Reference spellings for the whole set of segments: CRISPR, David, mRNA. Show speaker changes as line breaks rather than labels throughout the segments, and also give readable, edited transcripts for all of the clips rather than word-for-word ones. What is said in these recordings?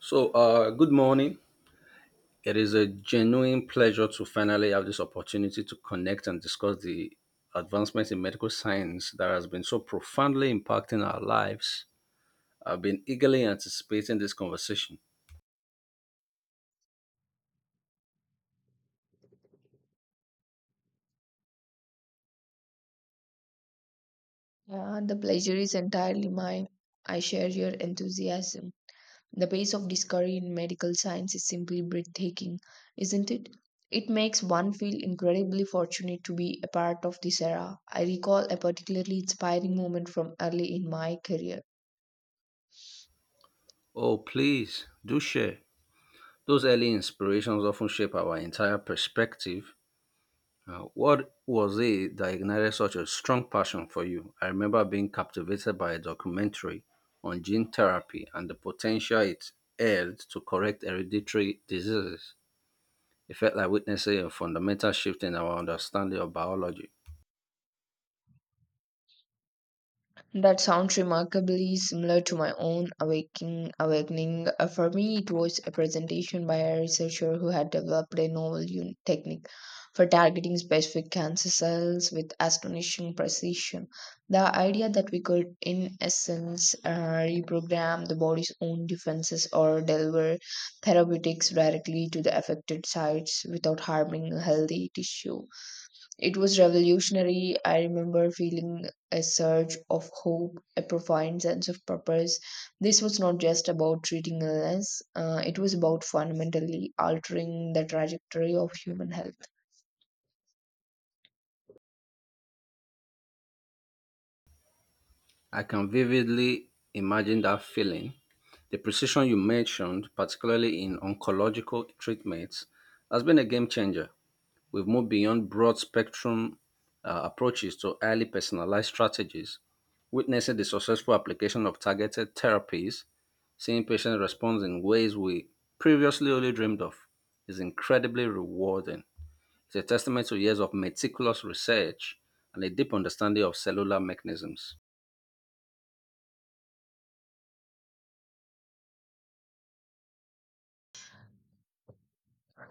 So, good morning. It is a genuine pleasure to finally have this opportunity to connect and discuss the advancements in medical science that has been so profoundly impacting our lives. I've been eagerly anticipating this conversation.
Yeah, the pleasure is entirely mine. I share your enthusiasm. The pace of discovery in medical science is simply breathtaking, isn't it? It makes one feel incredibly fortunate to be a part of this era. I recall a particularly inspiring moment from early in my career.
Oh, please do share. Those early inspirations often shape our entire perspective. What was it that ignited such a strong passion for you? I remember being captivated by a documentary on gene therapy and the potential it held to correct hereditary diseases. It felt like witnessing a fundamental shift in our understanding of biology.
That sounds remarkably similar to my own awakening. For me, it was a presentation by a researcher who had developed a novel technique for targeting specific cancer cells with astonishing precision. The idea that we could, in essence, reprogram the body's own defenses or deliver therapeutics directly to the affected sites without harming healthy tissue, it was revolutionary. I remember feeling a surge of hope, a profound sense of purpose. This was not just about treating illness. It was about fundamentally altering the trajectory of human health.
I can vividly imagine that feeling. The precision you mentioned, particularly in oncological treatments, has been a game changer. We've moved beyond broad spectrum approaches to highly personalized strategies, witnessing the successful application of targeted therapies, seeing patients respond in ways we previously only dreamed of is incredibly rewarding. It's a testament to years of meticulous research and a deep understanding of cellular mechanisms.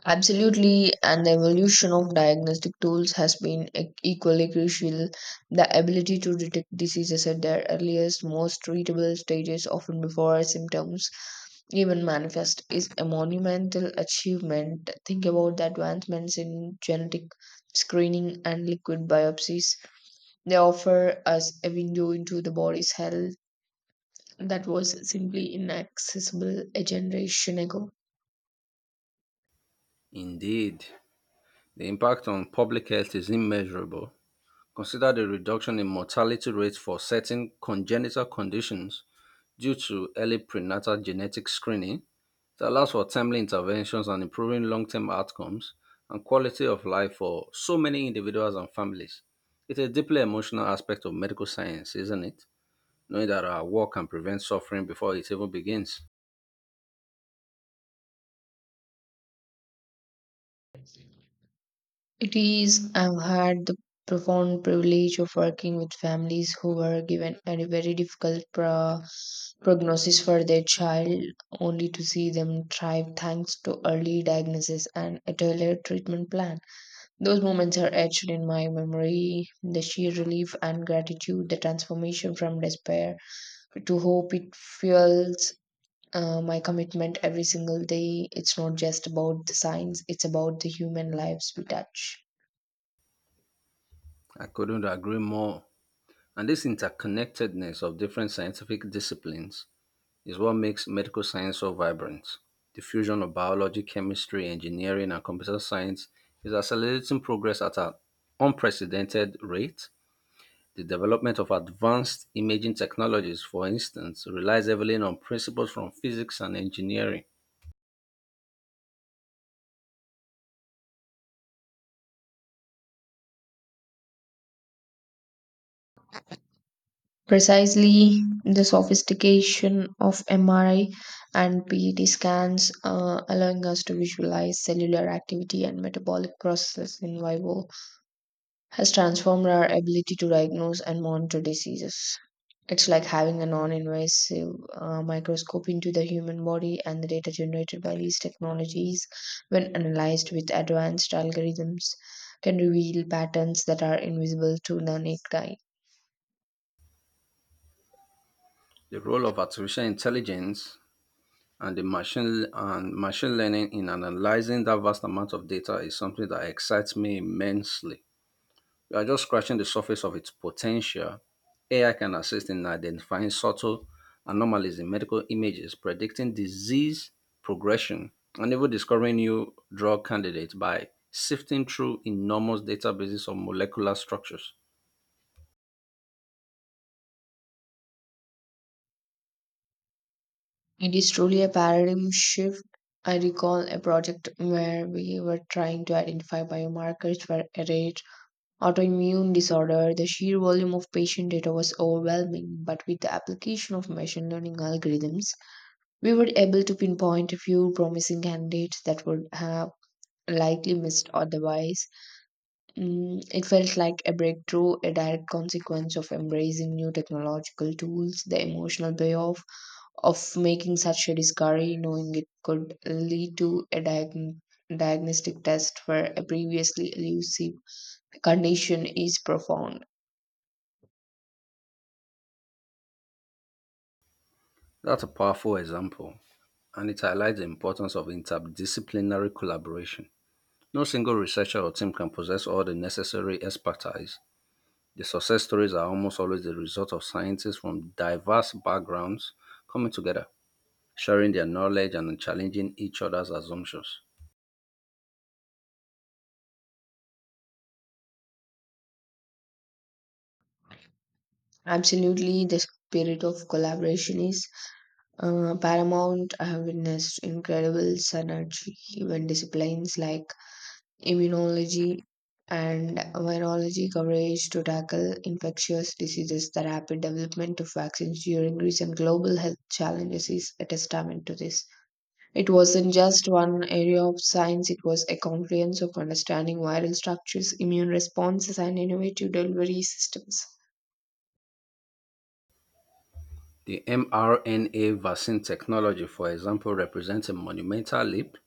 Absolutely, and the evolution of diagnostic tools has been equally crucial. The ability to detect diseases at their earliest, most treatable stages, often before symptoms even manifest, is a monumental achievement. Think about the advancements in genetic screening and liquid biopsies. They offer us a window into the body's health that was simply inaccessible a generation ago.
Indeed, the impact on public health is immeasurable. Consider the reduction in mortality rates for certain congenital conditions due to early prenatal genetic screening that allows for timely interventions and improving long term outcomes and quality of life for so many individuals and families. It's a deeply emotional aspect of medical science, isn't it? Knowing that our work can prevent suffering before it even begins.
It is. I've had the profound privilege of working with families who were given a very difficult prognosis for their child, only to see them thrive thanks to early diagnosis and a tailored treatment plan. Those moments are etched in my memory, the sheer relief and gratitude, the transformation from despair to hope it fuels. My commitment every single day, it's not just about the science, it's about the human lives we touch.
I couldn't agree more. And this interconnectedness of different scientific disciplines is what makes medical science so vibrant. The fusion of biology, chemistry, engineering, and computer science is accelerating progress at an unprecedented rate. The development of advanced imaging technologies, for instance, relies heavily on principles from physics and engineering.
Precisely, the sophistication of MRI and PET scans, allowing us to visualize cellular activity and metabolic processes in vivo, has transformed our ability to diagnose and monitor diseases. It's like having a non invasive microscope into the human body, and the data generated by these technologies, when analyzed with advanced algorithms, can reveal patterns that are invisible to the naked eye.
The role of artificial intelligence and the machine and machine learning in analyzing that vast amount of data is something that excites me immensely. We are just scratching the surface of its potential. AI can assist in identifying subtle anomalies in medical images, predicting disease progression, and even discovering new drug candidates by sifting through enormous databases of molecular structures.
It is truly a paradigm shift. I recall a project where we were trying to identify biomarkers for a rare autoimmune disorder. The sheer volume of patient data was overwhelming, but with the application of machine learning algorithms, we were able to pinpoint a few promising candidates that would have likely missed otherwise. It felt like a breakthrough, a direct consequence of embracing new technological tools, the emotional payoff of making such a discovery, knowing it could lead to a diagnostic test for a previously elusive condition, is profound.
That's a powerful example, and it highlights the importance of interdisciplinary collaboration. No single researcher or team can possess all the necessary expertise. The success stories are almost always the result of scientists from diverse backgrounds coming together, sharing their knowledge and challenging each other's assumptions.
Absolutely, the spirit of collaboration is, Paramount. I have witnessed incredible synergy when disciplines like immunology and virology coverage to tackle infectious diseases. The rapid development of vaccines during recent global health challenges is a testament to this. It wasn't just one area of science, it was a comprehensive understanding, viral structures, immune responses, and innovative delivery systems.
The mRNA vaccine technology, for example, represents a monumental leap.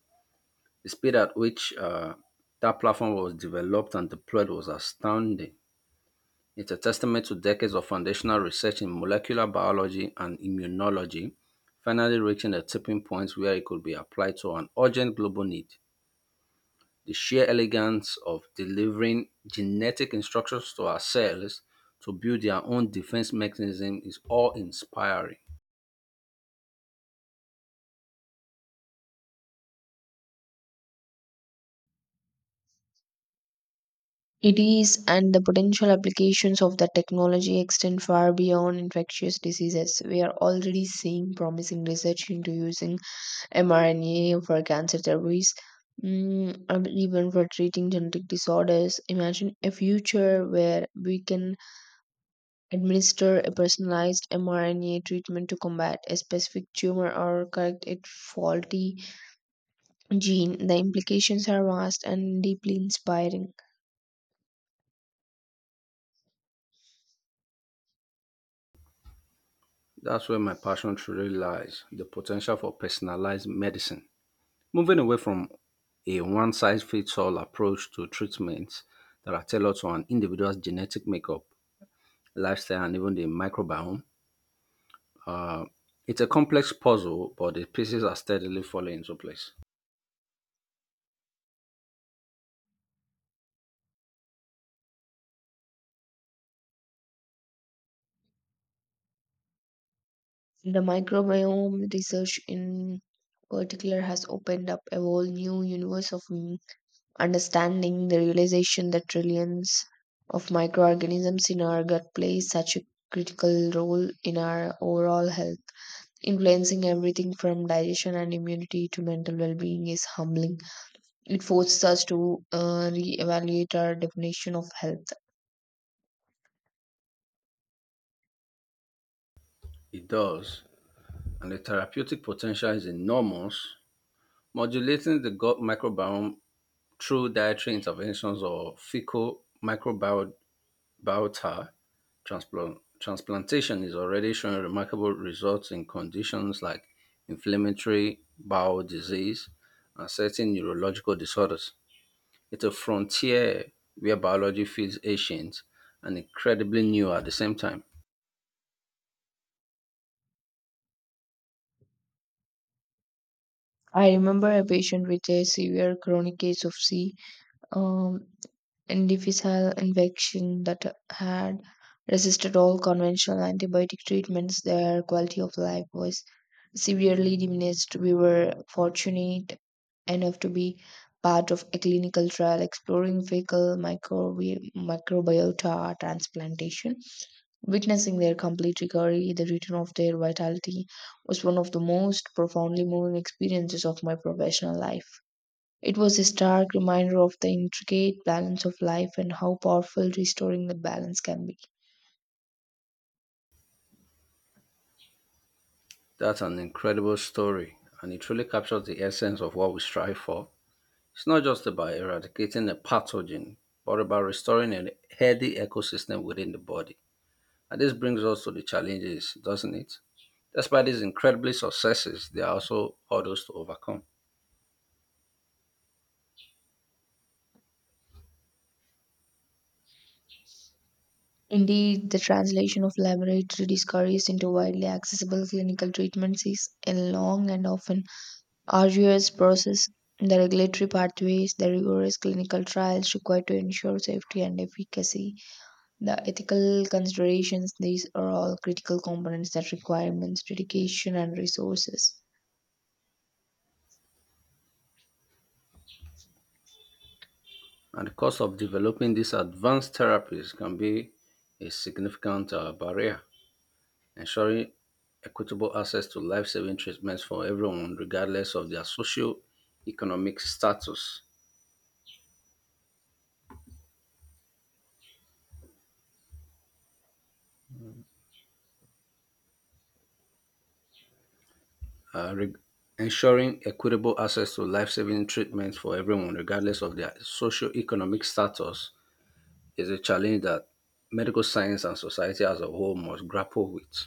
The speed at which that platform was developed and deployed was astounding. It's a testament to decades of foundational research in molecular biology and immunology, finally reaching a tipping point where it could be applied to an urgent global need. The sheer elegance of delivering genetic instructions to our cells to build their own defense mechanism is awe inspiring.
It is, and the potential applications of the technology extend far beyond infectious diseases. We are already seeing promising research into using mRNA for cancer therapies, and even for treating genetic disorders. Imagine a future where we can administer a personalized mRNA treatment to combat a specific tumor or correct a faulty gene. The implications are vast and deeply inspiring.
That's where my passion truly lies the potential for personalized medicine. Moving away from a one size fits all approach to treatments that are tailored to an individual's genetic makeup, lifestyle, and even the microbiome, uh, it's a complex puzzle, but the pieces are steadily falling into place.
The microbiome research in particular has opened up a whole new universe of understanding. The realization that trillions of microorganisms in our gut play such a critical role in our overall health, influencing everything from digestion and immunity to mental well-being, is humbling. It forces us to re-evaluate our definition of health.
It does, and the therapeutic potential is enormous. Modulating the gut microbiome through dietary interventions or fecal microbiota transplantation is already showing remarkable results in conditions like inflammatory bowel disease and certain neurological disorders. It's a frontier where biology feels ancient and incredibly new at the same time.
I remember a patient with a severe chronic case of c um, difficile infection that had resisted all conventional antibiotic treatments. Their quality of life was severely diminished. We were fortunate enough to be part of a clinical trial exploring fecal microbiota transplantation. Witnessing their complete recovery, the return of their vitality, was one of the most profoundly moving experiences of my professional life. It was a stark reminder of the intricate balance of life and how powerful restoring the balance can be.
That's an incredible story, and it truly captures the essence of what we strive for. It's not just about eradicating a pathogen, but about restoring a healthy ecosystem within the body. And this brings us to the challenges, doesn't it? Despite these incredibly successes, there are also hurdles to overcome.
Indeed, the translation of laboratory discoveries into widely accessible clinical treatments is a long and often arduous process. The regulatory pathways, the rigorous clinical trials required to ensure safety and efficacy, the ethical considerations, these are all critical components that require immense dedication and resources.
And the cost of developing these advanced therapies can be a significant barrier, ensuring equitable access to life saving treatments for everyone, regardless of their socio economic status. uh, reg- Ensuring equitable access to life saving treatment for everyone, regardless of their socioeconomic status, is a challenge that medical science and society as a whole must grapple with.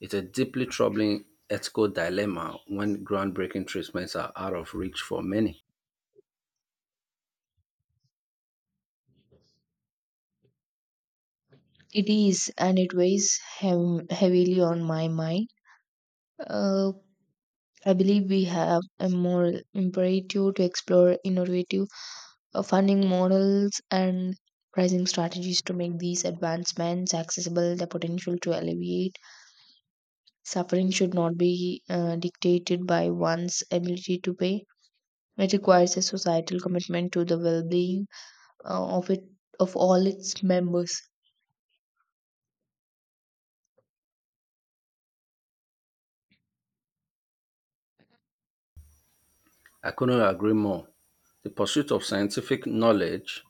It's a deeply troubling ethical dilemma when groundbreaking treatments are out of reach for many.
It is, and it weighs heavily on my mind. Uh, I believe we have a moral imperative to explore innovative funding models and pricing strategies to make these advancements accessible. The potential to alleviate suffering should not be dictated by one's ability to pay. It requires a societal commitment to the well being uh, of, it, of all its members.
I couldn't agree more. The pursuit of scientific knowledge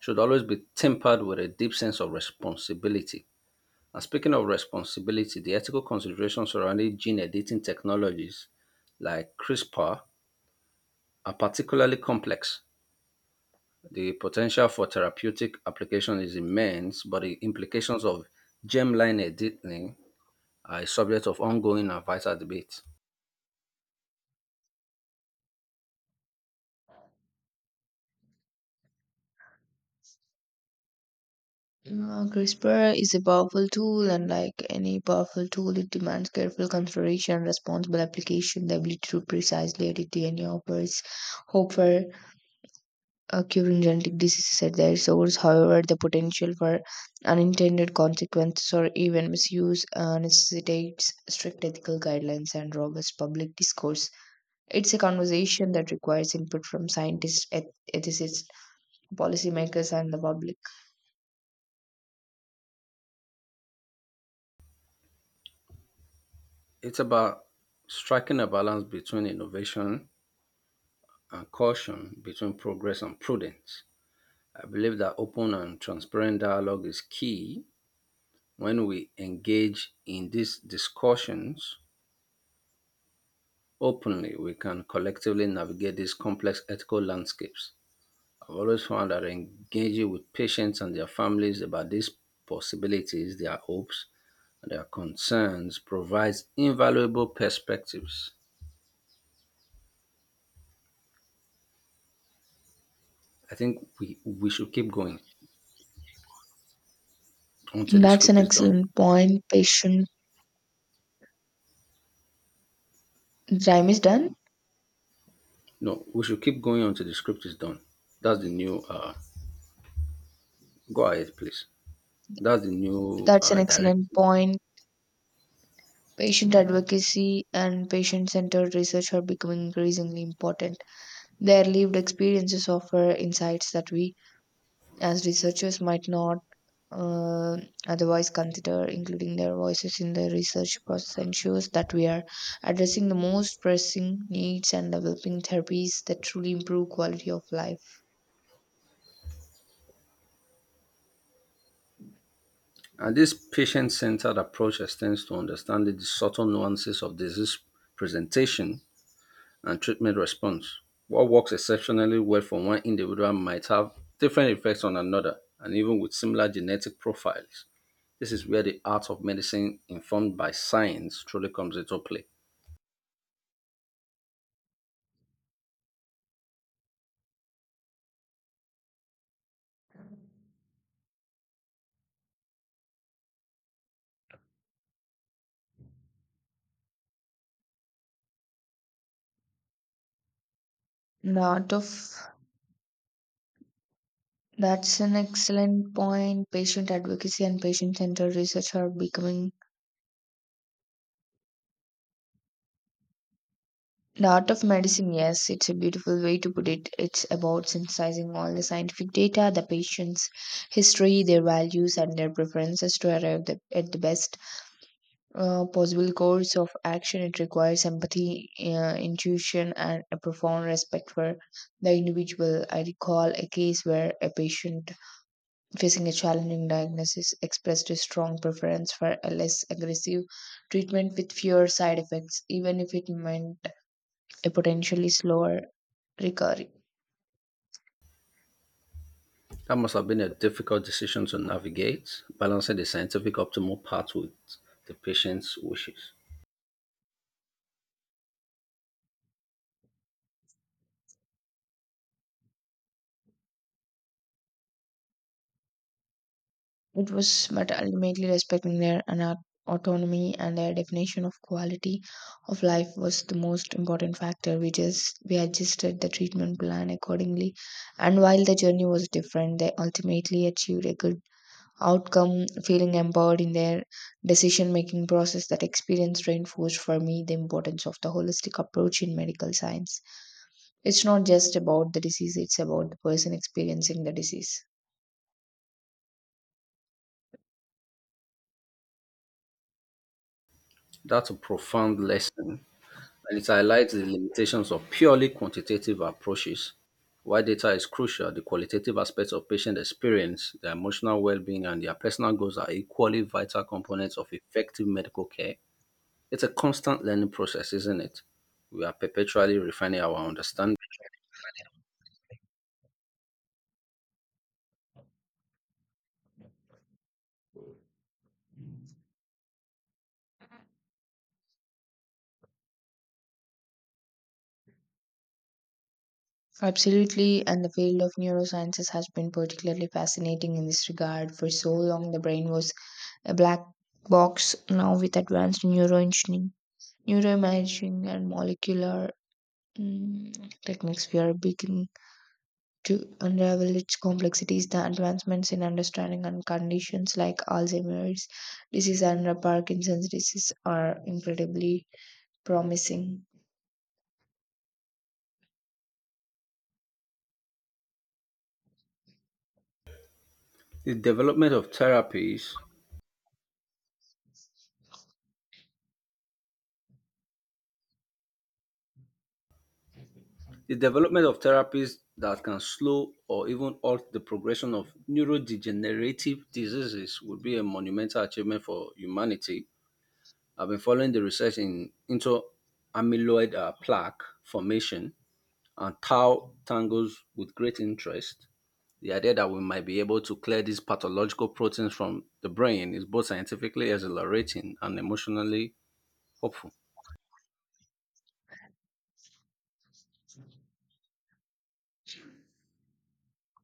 should always be tempered with a deep sense of responsibility. And speaking of responsibility, the ethical considerations surrounding gene editing technologies like CRISPR are particularly complex. The potential for therapeutic application is immense, but the implications of germline editing are a subject of ongoing and vital debate.
CRISPR is a powerful tool, and like any powerful tool, it demands careful consideration, responsible application. The ability to precisely edit DNA offers hope for curing genetic diseases at their source. However, the potential for unintended consequences or even misuse necessitates strict ethical guidelines and robust public discourse. It's a conversation that requires input from scientists, ethicists, policymakers, and the public.
It's about striking a balance between innovation and caution, between progress and prudence. I believe that open and transparent dialogue is key. When we engage in these discussions openly, we can collectively navigate these complex ethical landscapes. I've always found that engaging with patients and their families about these possibilities, their hopes, and their concerns provides invaluable perspectives. I think we should keep going until the
That's an
script is done.
excellent point, Patient. Time is done.
No, we should keep going until the script is done. That's the new, uh, Go ahead, please. That's the new
That's an excellent
directive.
point. Patient advocacy and patient centered research are becoming increasingly important. Their lived experiences offer insights that we, as researchers, might not uh, otherwise consider. Including their voices in the research process ensures that we are addressing the most pressing needs and developing therapies that truly improve quality of life.
And this patient centered approach extends to understanding the subtle nuances of disease presentation and treatment response. What works exceptionally well for one individual might have different effects on another, and even with similar genetic profiles. This is where the art of medicine, informed by science, truly comes into play.
The art of that's an excellent point. Patient advocacy and patient centered research are becoming, the art of medicine, yes, it's a beautiful way to put it. It's about synthesizing all the scientific data, the patient's history, their values, and their preferences to arrive at the best possible course of action. It requires empathy, intuition, and a profound respect for the individual. I recall a case where a patient facing a challenging diagnosis expressed a strong preference for a less aggressive treatment with fewer side effects, even if it meant a potentially slower recovery.
That must have been a difficult decision to navigate, balancing the scientific optimal path with the patient's wishes.
It was, but ultimately respecting their autonomy and their definition of quality of life was the most important factor. We just we adjusted the treatment plan accordingly, and while the journey was different, they ultimately achieved a good outcome, feeling empowered in their decision making process. That experience reinforced for me the importance of the holistic approach in medical science. It's not just about the disease; it's about the person experiencing the disease.
That's a profound lesson, and it highlights the limitations of purely quantitative approaches. While data is crucial, the qualitative aspects of patient experience, their emotional well being, and their personal goals are equally vital components of effective medical care. It's a constant learning process, isn't it? We are perpetually refining our understanding.
Absolutely, and the field of neurosciences has been particularly fascinating in this regard. For so long, the brain was a black box. Now, with advanced neuroengineering, neuroimaging, and molecular techniques, we are beginning to unravel its complexities. The advancements in understanding and conditions like Alzheimer's disease and Parkinson's disease are incredibly promising.
The development of therapies, the development of therapies that can slow or even halt the progression of neurodegenerative diseases would be a monumental achievement for humanity. I've been following the research into amyloid plaque formation and tau tangles with great interest. The idea that we might be able to clear these pathological proteins from the brain is both scientifically exhilarating and emotionally hopeful.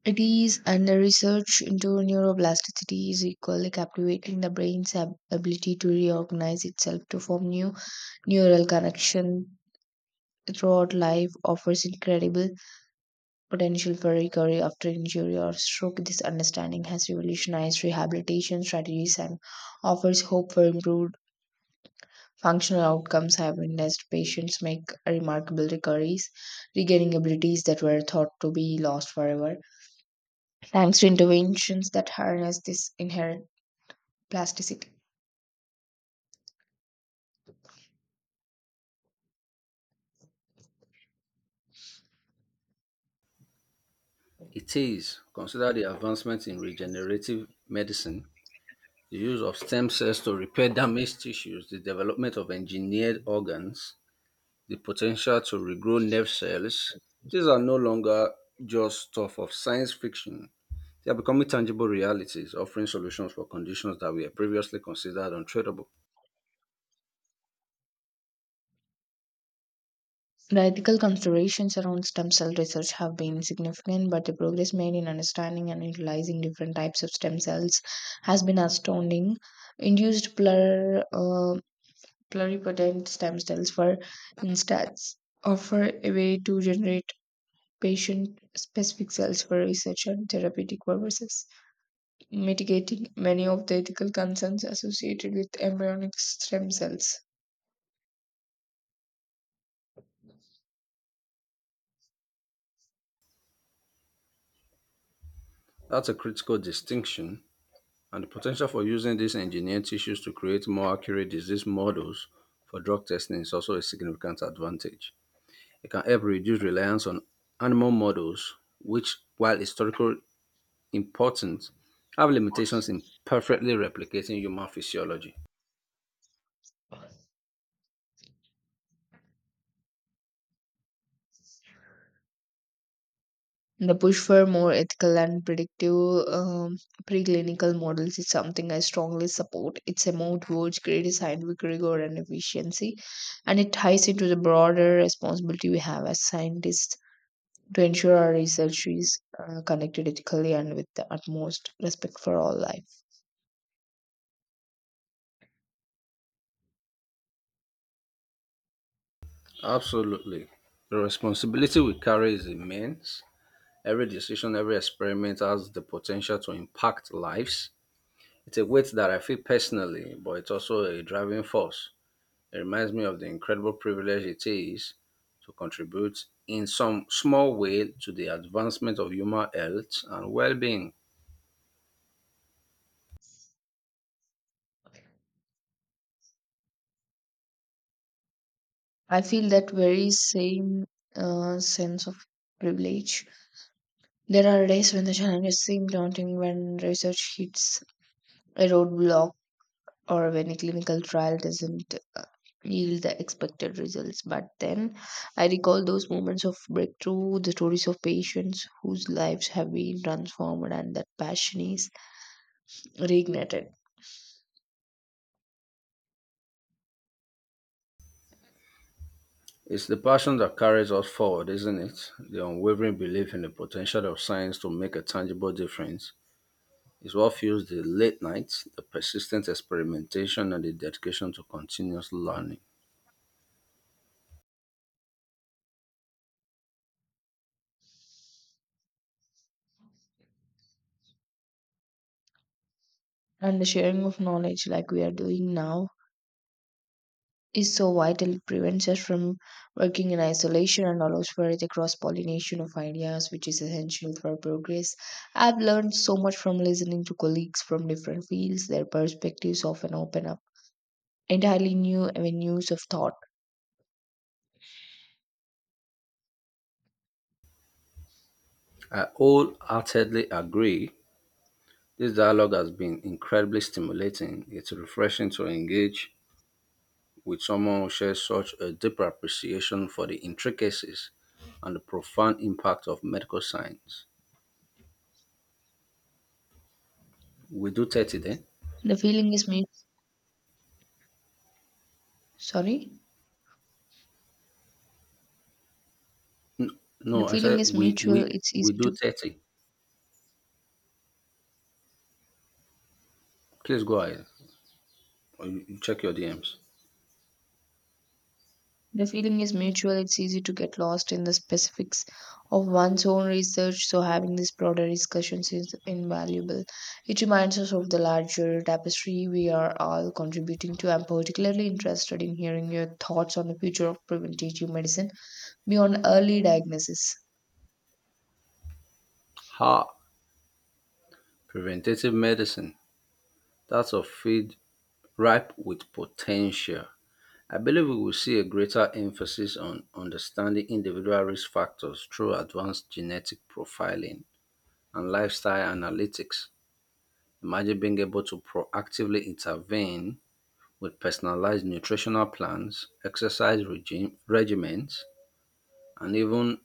Studies and the research into neuroplasticity is equally captivating. The brain's ability to reorganize itself to form new neural connection throughout life offers incredible potential for recovery after injury or stroke. This understanding has revolutionized rehabilitation strategies and offers hope for improved functional outcomes. I have witnessed patients make remarkable recoveries, regaining abilities that were thought to be lost forever thanks to interventions that harness this inherent plasticity.
It is, consider the advancements in regenerative medicine, the use of stem cells to repair damaged tissues, the development of engineered organs, the potential to regrow nerve cells, these are no longer just stuff of science fiction. They are becoming tangible realities, offering solutions for conditions that were previously considered untreatable.
The ethical considerations around stem cell research have been significant, but the progress made in understanding and utilizing different types of stem cells has been astounding. Induced pluripotent stem cells, for instance, offer a way to generate patient specific cells for research and therapeutic purposes, mitigating many of the ethical concerns associated with embryonic stem cells.
That's a critical distinction, and the potential for using these engineered tissues to create more accurate disease models for drug testing is also a significant advantage. It can help reduce reliance on animal models, which, while historically important, have limitations in perfectly replicating human physiology.
The push for more ethical and predictive preclinical models is something I strongly support. It's a move towards greater scientific rigor and efficiency, and it ties into the broader responsibility we have as scientists to ensure our research is conducted ethically and with the utmost respect for all life.
Absolutely. The responsibility we carry is immense. Every decision, every experiment has the potential to impact lives. It's a weight that I feel personally, but it's also a driving force. It reminds me of the incredible privilege it is to contribute in some small way to the advancement of human health and well being.
I feel that very same sense of privilege. There are days when the challenges seem daunting, when research hits a roadblock or when a clinical trial doesn't yield the expected results. But then I recall those moments of breakthrough, the stories of patients whose lives have been transformed, and that passion is reignited.
It's the passion that carries us forward, isn't it? The unwavering belief in the potential of science to make a tangible difference is what fuels the late nights, the persistent experimentation, and the dedication to continuous learning.
And the sharing of knowledge, like we are doing now, is so vital. It prevents us from working in isolation and allows for the cross pollination of ideas, which is essential for progress. I've learned so much from listening to colleagues from different fields. Their perspectives often open up entirely new avenues of thought.
I wholeheartedly agree. This dialogue has been incredibly stimulating. It's refreshing to engage with someone who shares such a deeper appreciation for the intricacies and the profound impact of medical science. We do 30 then?
The feeling is mutual. Sorry?
N-
The
No, I
feeling
said
is
we,
mutual.
we,
It's
we
easy
do
to.
30. Please go ahead. You check your DMs.
The feeling is mutual. It's easy to get lost in the specifics of one's own research. So having these broader discussions is invaluable. It reminds us of the larger tapestry we are all contributing to. I'm particularly interested in hearing your thoughts on the future of preventative medicine beyond early diagnosis.
Ha! Preventative medicine. That's a field ripe with potential. I believe we will see a greater emphasis on understanding individual risk factors through advanced genetic profiling and lifestyle analytics. Imagine being able to proactively intervene with personalized nutritional plans, exercise regimens, and even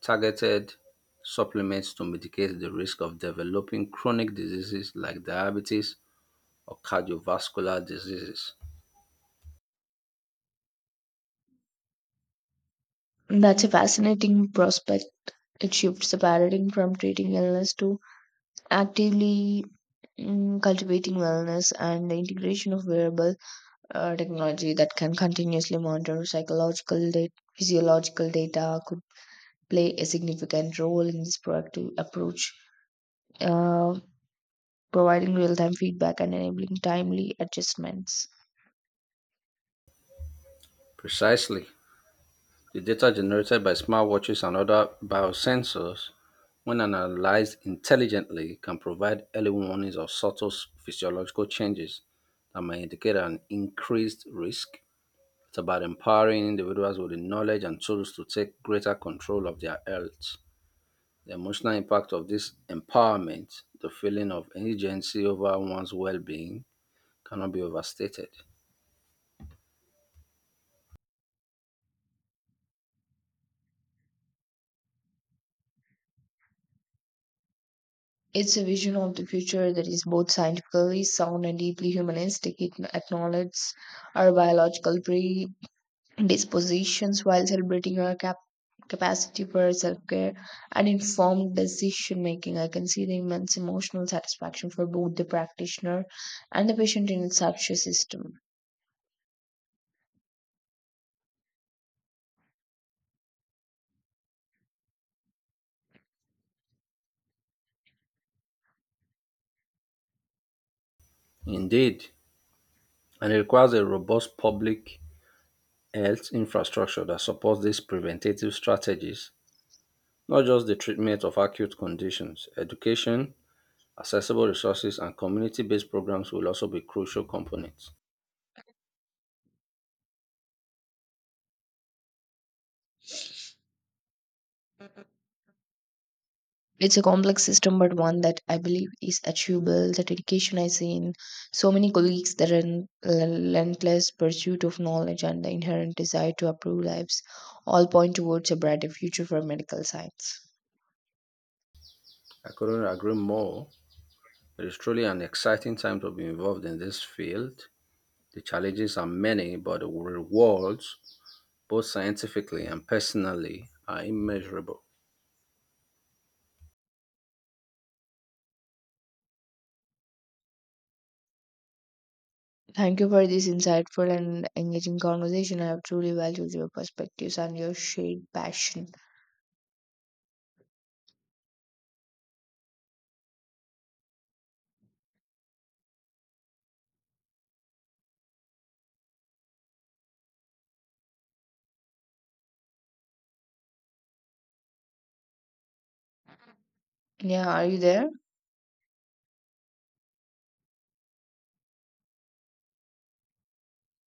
targeted supplements to mitigate the risk of developing chronic diseases like diabetes or cardiovascular diseases.
That's a fascinating prospect. It shifts the paradigm from treating illness to actively cultivating wellness, and the integration of wearable technology that can continuously monitor psychological data, physiological data, could play a significant role in this proactive approach, uh, providing real-time feedback and enabling timely adjustments.
Precisely. The data generated by smartwatches and other biosensors, when analyzed intelligently, can provide early warnings of subtle physiological changes that may indicate an increased risk. It's about empowering individuals with the knowledge and tools to take greater control of their health. The emotional impact of this empowerment, the feeling of agency over one's well being, cannot be overstated.
It's a vision of the future that is both scientifically sound and deeply humanistic. It acknowledges our biological pre dispositions while celebrating our capacity for self care and informed decision making. I can see the immense emotional satisfaction for both the practitioner and the patient in such a system.
Indeed, and it requires a robust public health infrastructure that supports these preventative strategies, not just the treatment of acute conditions. Education, accessible resources, and community based programs will also be crucial components.
It's a complex system, but one that I believe is achievable. The dedication I see in so many colleagues, the relentless pursuit of knowledge, and the inherent desire to improve lives all point towards a brighter future for medical science.
I couldn't agree more. It is truly an exciting time to be involved in this field. The challenges are many, but the rewards, both scientifically and personally, are immeasurable.
Thank you for this insightful and engaging conversation. I have truly valued your perspectives and your shared passion. Yeah, are you there?